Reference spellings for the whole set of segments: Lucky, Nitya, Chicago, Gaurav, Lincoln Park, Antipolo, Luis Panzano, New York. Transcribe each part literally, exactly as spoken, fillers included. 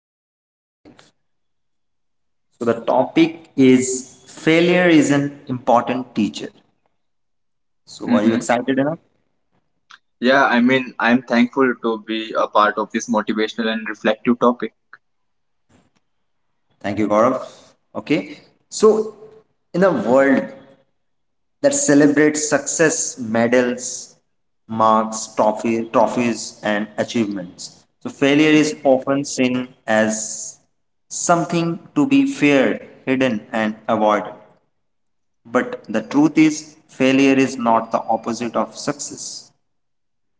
every human life. So the topic is failure is an important teacher. So are you hmm excited enough? Yeah, I mean, I'm thankful to be a part of this motivational and reflective topic. Thank you Gaurav. Okay. So in a world that celebrates success, medals, marks, trophy, trophies, and achievements. So, failure is often seen as something to be feared, hidden, and avoided. But the truth is, failure is not the opposite of success,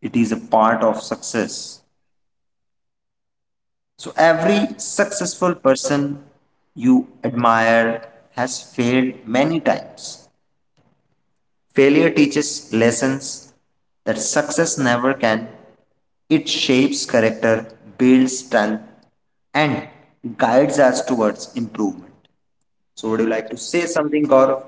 it is a part of success. So, every successful person you admire has failed many times. Failure teaches lessons that success never can. It shapes character, builds strength, and guides us towards improvement. So, would you like to say something, Gaurav?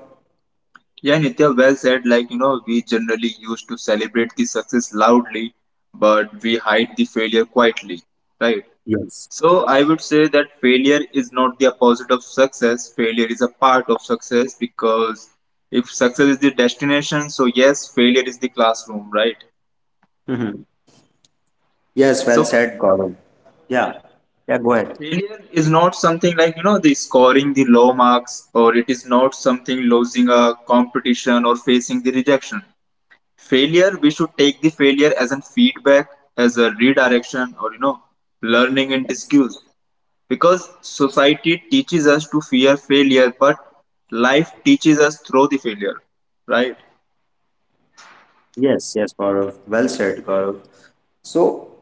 Yeah, Nitya, well said. Like, you know, we generally used to celebrate the success loudly, but we hide the failure quietly, right? Yes. So I would say that failure is not the opposite of success. Failure is a part of success because if success is the destination, so yes, failure is the classroom, right? Mhm. Yes, well So said, Gaurav. Yeah, yeah, go ahead. failure is not something like you know the scoring the low marks, or it is not something losing a competition or facing the rejection. Failure, we should take the failure as a feedback, as a redirection, or you know, learning and Yes, skills, because society teaches us to fear failure, but life teaches us through the failure, right? yes, yes, Gaurav. Well said, Gaurav. So,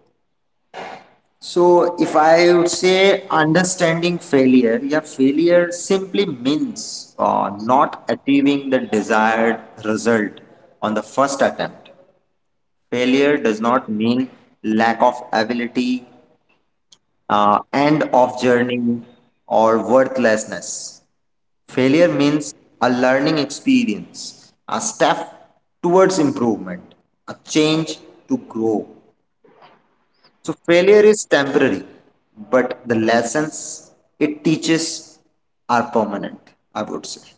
so if I would say understanding failure, yeah, failure simply means uh, not achieving the desired result on the first attempt. Failure does not mean lack of ability, uh, end of journey, or worthlessness. Failure means a learning experience, a step towards improvement, a change to grow. So, failure is temporary, but the lessons it teaches are permanent, I would say.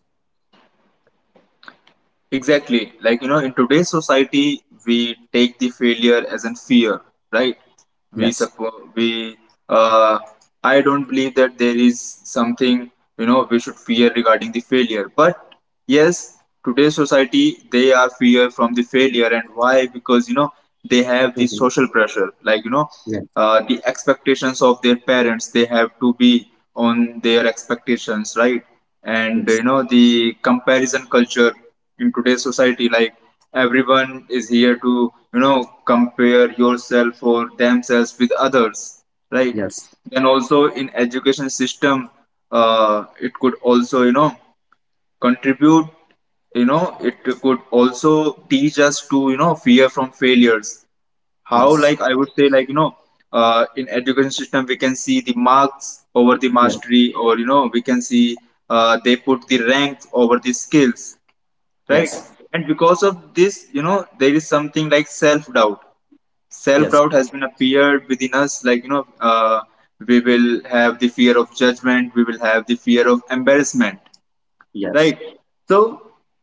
Exactly. Like, you know, in today's society, we take the failure as in fear, right? We Yes. suppose we, uh, I don't believe that there is something, you know, we should fear regarding the failure. But yes, today's society, they are fear from the failure. And why? Because, you know, they have the Mhm. social pressure, like, you know, Yes. uh, the expectations of their parents, they have to be on their expectations, right? And you Yes. know, the comparison culture in today's society, like everyone is here to you know compare yourself or themselves with others, right? Yes. Then also, in education system, uh, it could also you know contribute, you know it could also teach us to you know fear from failures. How, Yes. like I would say, like you know, uh, in education system, we can see the marks over the Yes. mastery, or you know we can see uh, they put the rank over the skills, right? Yes. And because of this, you know, there is something like self doubt. Self Yes. doubt has been appeared within us, like you know, uh, we will have the fear of judgment, we will have the fear of embarrassment, Yes. right? So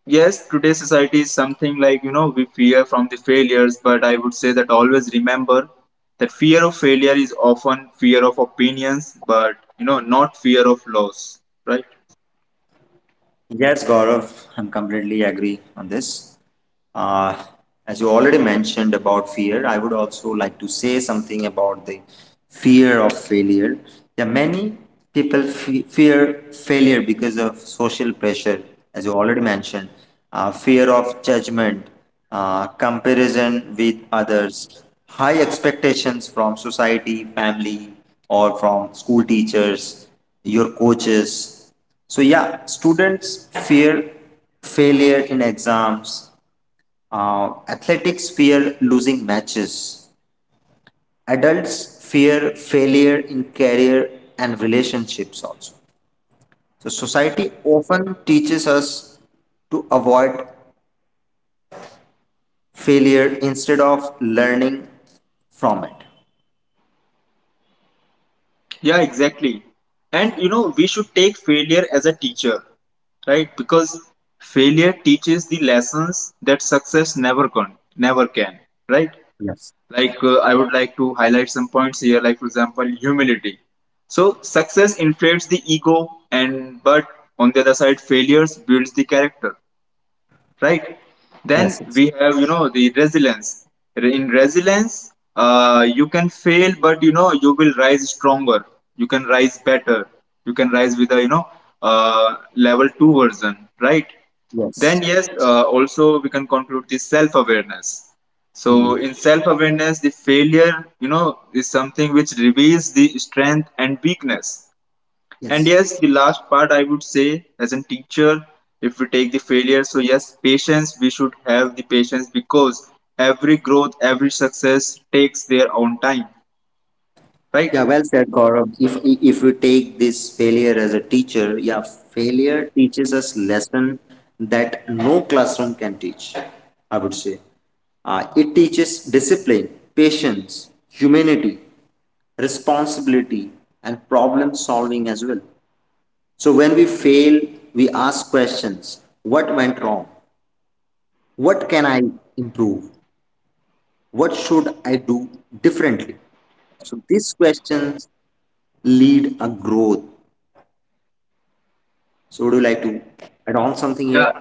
yes, today's society is something like you know we fear from the failures, but I would say that always remember that fear of failure is often fear of opinions, but you know not fear of loss, right? Yes, Gaurav, I'm completely agree on this. Uh, as you already mentioned about fear, I would also like to say something about the fear of failure. Yeah, many people fe- fear failure because of social pressure, as you already mentioned, uh, fear of judgment, uh, comparison with others, high expectations from society, family, or from school teachers, your coaches. So yeah, students fear failure in exams. Uh, athletics fear losing matches. Adults fear failure in career and relationships also. So society often teaches us to avoid failure instead of learning from it. Yeah, exactly. And you know, we should take failure as a teacher, right? Because failure teaches the lessons that success never can, never can right? Yes. Like uh, I would like to highlight some points here, like for example humility. So success inflates the ego, and but on the other side, failures builds the character, right? Then Yes. Yes. we have, you know, the resilience. In resilience, uh, you can fail, but you know you will rise stronger, you can rise better, you can rise with a, you know, uh, level two version, right? Then Yes. yes, uh, also we can conclude the self awareness. So Mhm. in self awareness, the failure, you know, is something which reveals the strength and weakness. And Yes. yes, the last part I would say as a teacher, if we take the failure, so yes, patience, we should have the patience, because every growth, every success takes their own time, Yeah, right? well said, Gaurav. If if we take this failure as a teacher, yeah, failure teaches us lesson that no classroom can teach. I would say, uh, it teaches discipline, patience, humanity, responsibility, and problem solving as well. So when we fail, we ask questions: What went wrong? What can I improve? What should I do differently? So these questions lead a growth. So would you like to add on something here? Yeah,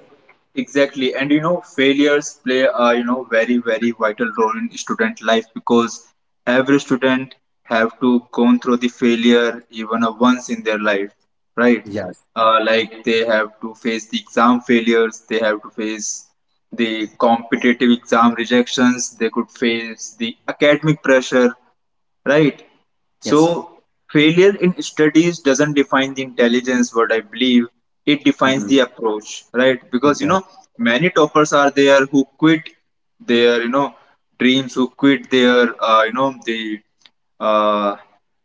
exactly. And you know, failures play a you know very very vital role in student life, because every student have to go through the failure even a once in their life, right? Yes. Uh, like they have to face the exam failures, they have to face the competitive exam rejections, they could face the academic pressure, right? So Yes. failure in studies doesn't define the intelligence, what I believe it defines the Mhm. approach, right? Because you Go. know, many toppers are there who quit their you know dreams, who quit their uh, you know the uh,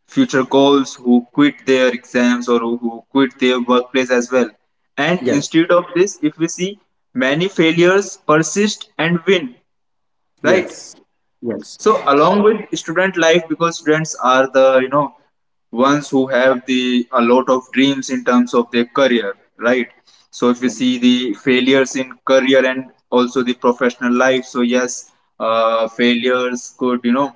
future goals, who quit their exams, or who who quit their workplace as well. And Yes. instead of this, if we see many failures persist and win, right? Yes. Yes. So along with student life, because students are the you know ones who have the a lot of dreams in terms of their career, right? So if you Yeah. see the failures in career and also the professional life, so yes, uh, failures could you know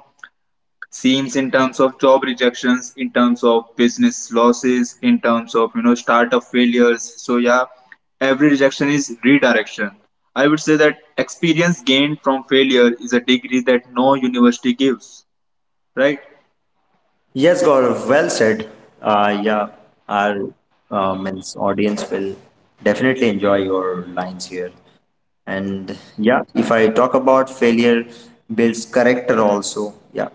seems in terms of job rejections, in terms of business losses, in terms of you know startup failures. So yeah, every rejection is redirection. I would say that experience gained from failure is a degree that no university gives, right? Yes, Gaurav, well said. Uh, yeah, our uh, means audience will definitely enjoy your lines here. And yeah, if I talk about failure builds character also, yeah,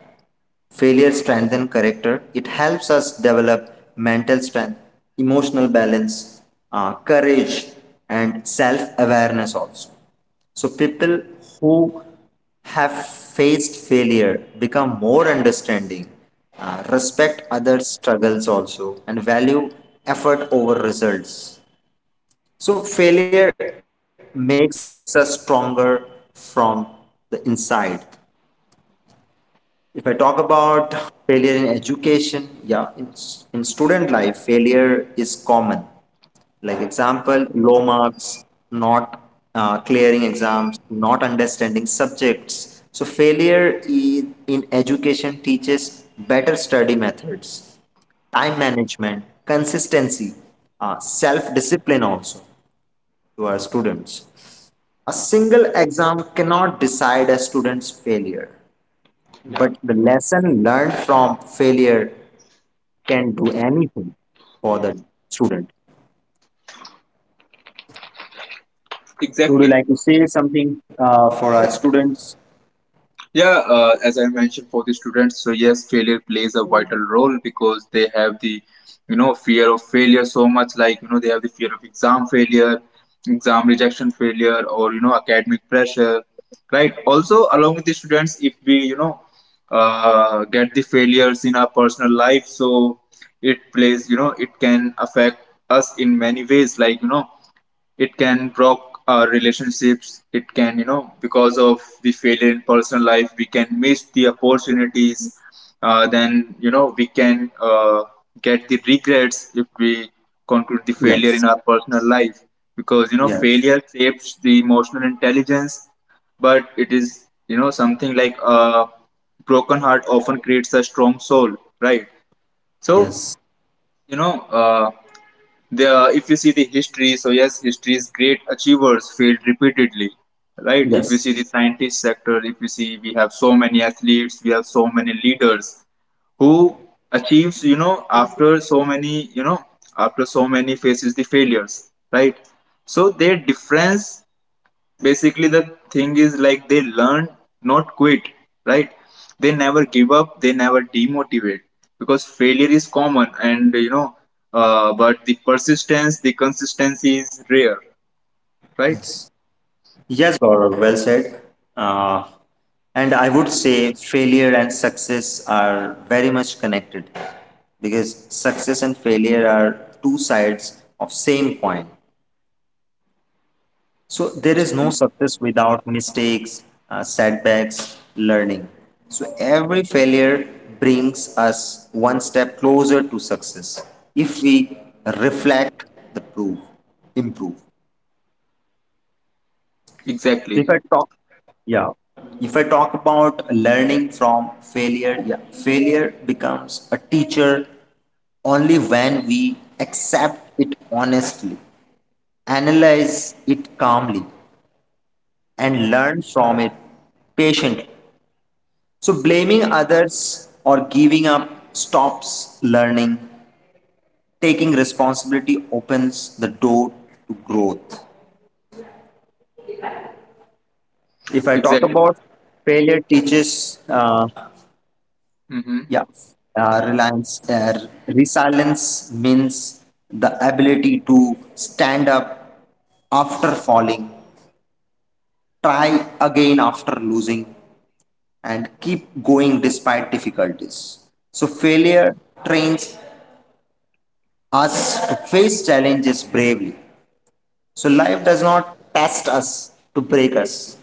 failure strengthens character. It helps us develop mental strength, emotional balance, uh, courage, and self awareness also. So, people who have faced failure become more understanding, uh, respect other struggles also, and value effort over results. So, failure makes us stronger from the inside. If I talk about failure in education, yeah, in, in student life failure is common, like example low marks, not uh, clearing exams, not understanding subjects. So failure in, in education teaches better study methods, time management, consistency, uh, self discipline also to our students. A single exam cannot decide a student's failure, Yeah, but the lesson learned from failure can do anything for the student. So would you exactly. like to say something uh, for our students? Yeah, uh, as I mentioned for the students, so yes, failure plays a vital role because they have the, you know, fear of failure so much. Like you know, they have the fear of exam failure, exam rejection failure, or you know, academic pressure, right? Also, along with the students, if we you know, uh, get the failures in our personal life, so it plays, you know, it can affect us in many ways. Like you know, it can block our relationships, it can you know because of the failure in personal life we can miss the opportunities, uh, then you know we can uh, get the regrets if we conclude the failure in Yes. our personal life, because you know Yes. failure shapes the emotional intelligence, but it is you know something like a broken heart often creates a strong soul, right? So Yes. you know, uh, the if you see the history, so yes, history's great achievers failed repeatedly, right? If you Yes. see the scientist sector, if you see we have so many athletes, we have so many leaders who achieves you know after so many you know after so many faces the failures, right? So their difference, basically the thing is like they learn, not quit, right? They never give up, they never demotivate, because failure is common, and you know uh, but the persistence, the consistency is rare, right? Yes. Yes, Gaurav, well said. Uh, and I would say failure and success are very much connected because success and failure are two sides of same coin. So there is no success without mistakes, uh, setbacks, learning. So every failure brings us one step closer to success if we reflect the proof, improve. So if Exactly. I talk, yeah, if I talk about learning from failure, yeah, failure becomes a teacher only when we accept it honestly, analyze it calmly, and learn from it patiently. So, blaming others or giving up stops learning. Taking responsibility opens the door to growth. If I talk Exactly. about failure, teaches, uh, Mm-hmm. yeah, uh, reliance, uh, resilience means the ability to stand up after falling, try again after losing, and keep going despite difficulties. So, failure trains us to face challenges bravely. So life does not test us to break us,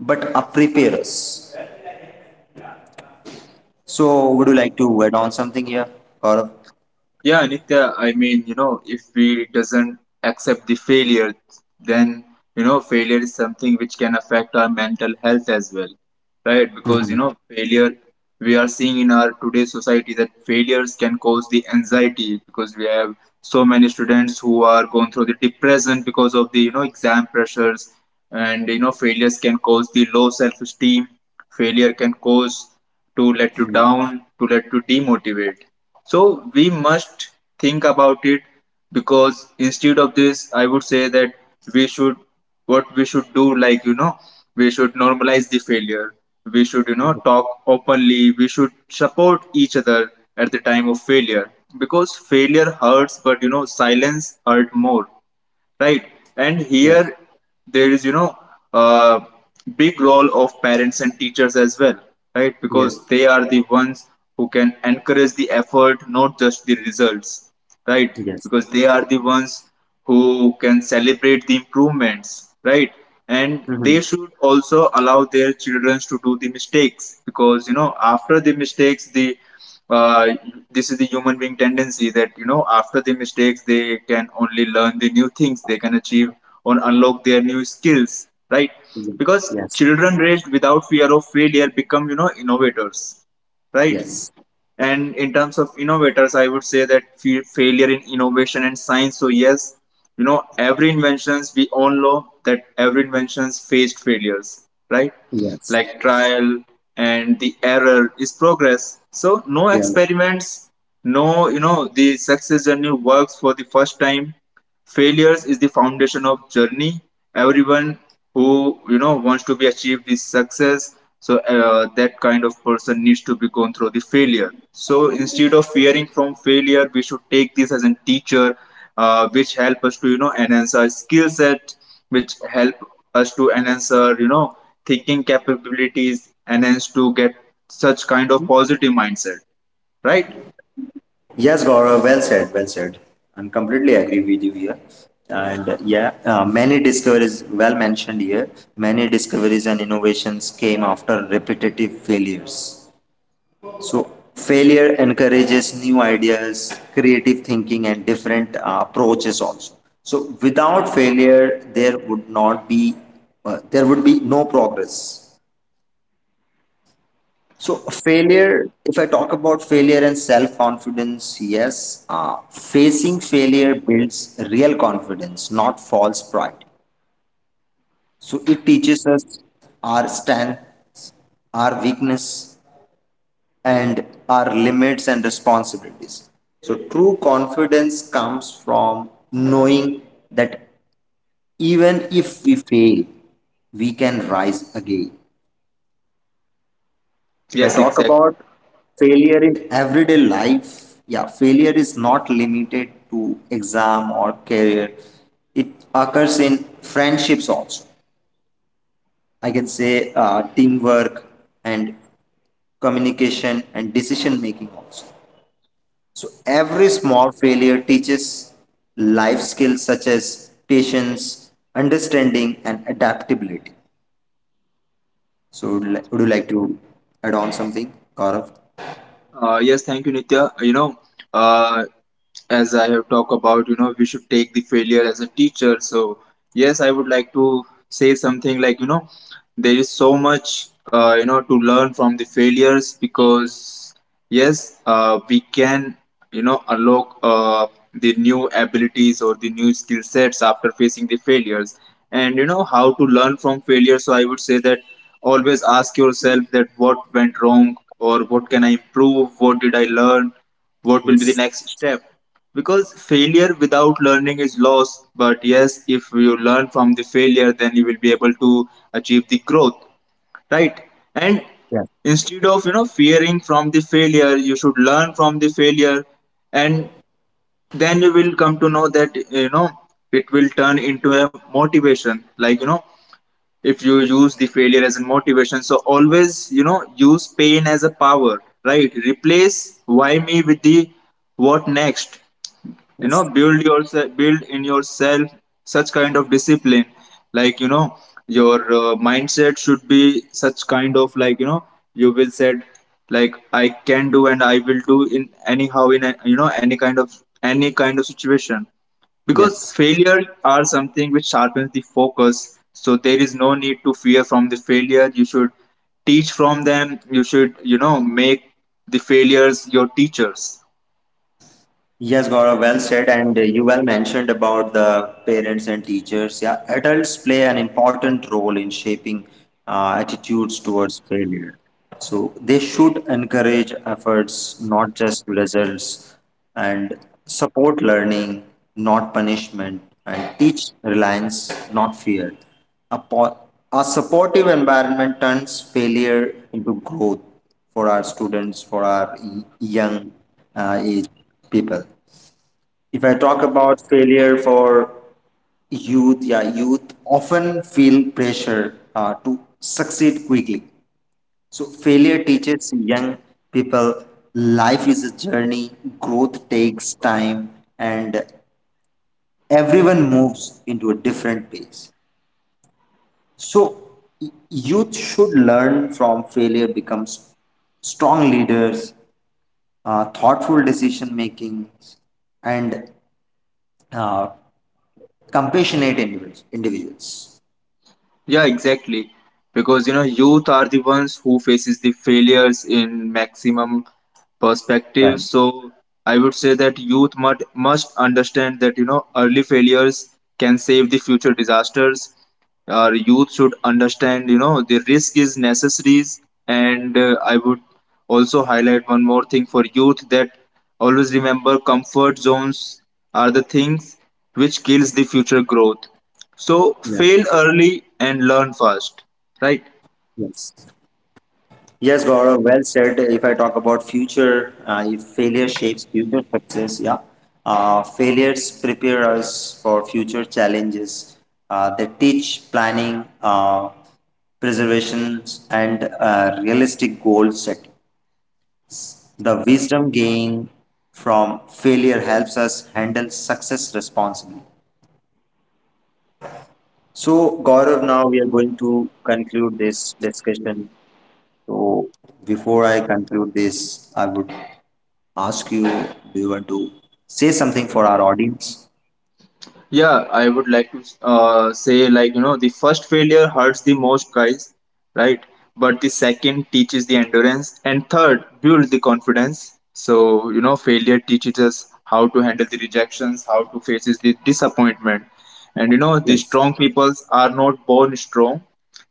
but uh, prepare us. So would you like to add on something here, Gaurav? Yeah, Nitya, I mean, you know, if we doesn't accept the failure, then you know failure is something which can affect our mental health as well, right? Because you know, failure we are seeing in our today's society that failures can cause the anxiety, because we have so many students who are going through the depression because of the you know exam pressures, and you know failures can cause the low self-esteem. Failure can cause to let you down, to let you demotivate. So we must think about it, because instead of this, I would say that we should, what we should do, like you know, we should normalize the failure. We should you know talk openly, we should support each other at the time of failure, because failure hurts, but you know silence hurt more, right? And Yes, here there is you know a big role of parents and teachers as well, right? yes, Because they are the ones who can encourage the effort, not just the results, right? yes. Because they are the ones who can celebrate the improvements, right? And Mm-hmm. they should also allow their children to do the mistakes, because you know after the mistakes the uh, this is the human being tendency that you know after the mistakes they can only learn the new things, they can achieve or unlock their new skills, right? Because Yes, children raised without fear of failure become you know innovators, right? yes, And in terms of innovators, I would say that fa- failure in innovation and science. So yes, you know, every inventions we all know that every inventions faced failures, right? yes, Like trial and the error is progress. So no yeah. experiments, no you know the success journey works for the first time. Failures is the foundation of journey. Everyone who you know wants to be achieved this success, so uh, that kind of person needs to be gone through the failure. So instead of fearing from failure, we should take this as a teacher, uh, which help us to you know enhance our skill set, which help us to enhance our you know thinking capabilities, enhance to get such kind of positive mindset. Right? Yes, Gaurav, well said, well said. I'm completely agree with you here. And uh, yeah, uh, many discoveries, well mentioned here, many discoveries and innovations came after repetitive failures. So failure encourages new ideas, creative thinking, and different uh, approaches also. So without failure, there would not be uh, there would be no progress. So failure. If I talk about failure and self confidence, yes, uh, facing failure builds real confidence, not false pride. So it teaches us our strengths, our weakness, and our limits and responsibilities. So, true confidence comes from knowing that even if we fail, we can rise again. If I Yes, talk exactly. about failure in everyday life, yeah, failure is not limited to exam or career. It occurs in friendships also. I can say uh, teamwork and communication and decision making also. So every small failure teaches life skills such as patience, understanding, and adaptability. So would, li- would you like to add on something, Gaurav? Uh, yes, thank you, Nitya. Uh, You know, uh, as I have talked about, you know, we should take the failure as a teacher. So, yes, I would like to say something like, you know, there is so much, uh, you know, to learn from the failures, because yes, uh, we can you know unlock uh, the new abilities or the new skill sets after facing the failures. And you know how to learn from failure. So I would say that always ask yourself that what went wrong, or what can I improve, what did I learn, what will be the next step, because failure without learning is loss, but yes, if you learn from the failure, then you will be able to achieve the growth, right? And Yes. instead of you know fearing from the failure, you should learn from the failure, and then you will come to know that you know it will turn into a motivation, like you know, if you use the failure as a motivation, so always you know use pain as a power, right? Replace why me with the what next. You know, Yes. build yourself, build in yourself such kind of discipline, like you know, your uh, mindset should be such kind of, like you know, you will said like I can do and I will do in anyhow, in a, you know, any kind of any kind of situation, because Yes. failure are something which sharpens the focus. So there is no need to fear from the failure, you should teach from them, you should you know make the failures your teachers. Yes, Gaurav, well said, and uh, you well mentioned about the parents and teachers. Yeah, adults play an important role in shaping uh, attitudes towards failure. So they should encourage efforts, not just results, and support learning, not punishment, and teach reliance, not fear. A, po- a supportive environment turns failure into growth for our students, for our y- young uh, age people. If I talk about failure for youth, yeah, youth often feel pressure uh, to succeed quickly. So failure teaches young people life is a journey, growth takes time, and everyone moves into a different pace. So y- youth should learn from failure, becomes strong leaders, uh, thoughtful decision making, and uh, compassionate individuals. individuals. Yeah, exactly. Because you know, youth are the ones who faces the failures in maximum perspective. Right. So I would say that youth must must understand that you know early failures can save the future disasters. Our youth should understand you know the risk is necessaries, and uh, I would also highlight one more thing for youth, that always remember comfort zones are the things which kills the future growth. So Yeah. fail early and learn fast, right? Yes. Yes, Gaurav, well said. If I talk about future, uh, if failure shapes future success, yeah. Uh, failures prepare us for future challenges. Uh, they teach planning, uh, preservations, and uh, realistic goal setting. The wisdom gained from failure helps us handle success responsibly. So, Gaurav, now we are going to conclude this discussion. So, before I conclude this, I would ask you, do you want to say something for our audience? Yeah, I would like to uh, say, like you know, the first failure hurts the most, guys, right? But the second teaches the endurance, and third builds the confidence. So you know failure teaches us how to handle the rejections, how to faces the disappointment, and you know the Yes, strong peoples are not born strong.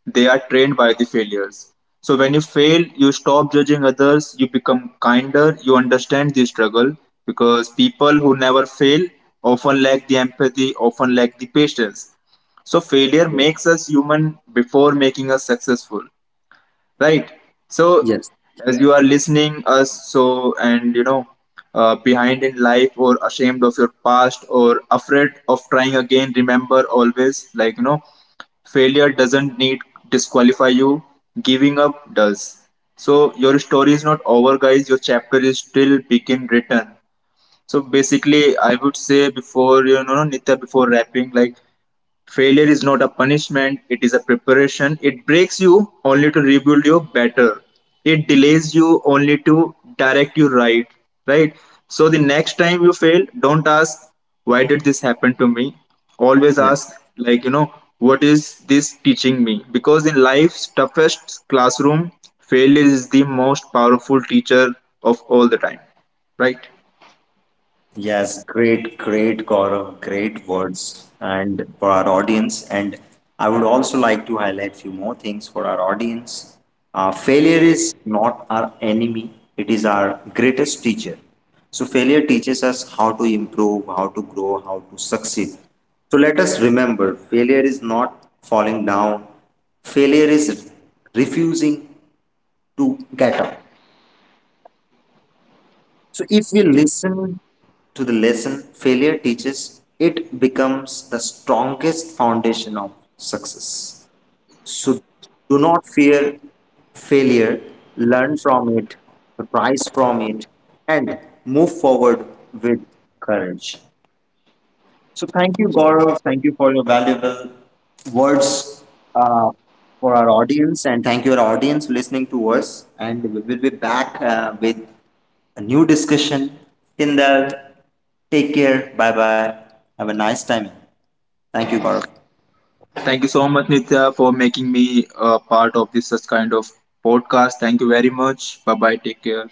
They are trained by the failures. So when you fail, you stop judging others, you become kinder, you understand the struggle, because people who never fail often lack the empathy, often lack the patience. So failure yes, makes us human before making us successful, right? So yes, as you are listening us, so and you know, uh, behind in life or ashamed of your past or afraid of trying again, remember always, like you know, failure doesn't need disqualify you, giving up does. So your story is not over, guys, your chapter is still begin written. So basically I would say, before you know Nitya, before wrapping, like failure is not a punishment, it is a preparation. It breaks you only to rebuild you better. It delays you only to direct you right. Right? So the next time you fail, don't ask, why did this happen to me? Always yes. ask, like, you know, what is this teaching me? Because in life's toughest classroom, failure is the most powerful teacher of all the time. Right? Yes, great, great, Gaurav, great words. And for our audience, and I would also like to highlight few more things for our audience. Uh, failure is not our enemy; it is our greatest teacher. So failure teaches us how to improve, how to grow, how to succeed. So let us remember, failure is not falling down. Failure is refusing to get up. So if we listen to the lesson failure teaches, it becomes the strongest foundation of success. So do not fear failure, learn from it, rise from it, and move forward with courage. So thank you, Gaurav. Thank you for your valuable words uh, for our audience, and thank you our audience listening to us. And we will be back uh, with a new discussion. Till then, take care. Bye bye. Have a nice time. Thank you, Gaurav. Thank you so much, Nitya, for making me a part of this such kind of podcast. Thank you very much. Bye bye. Take care.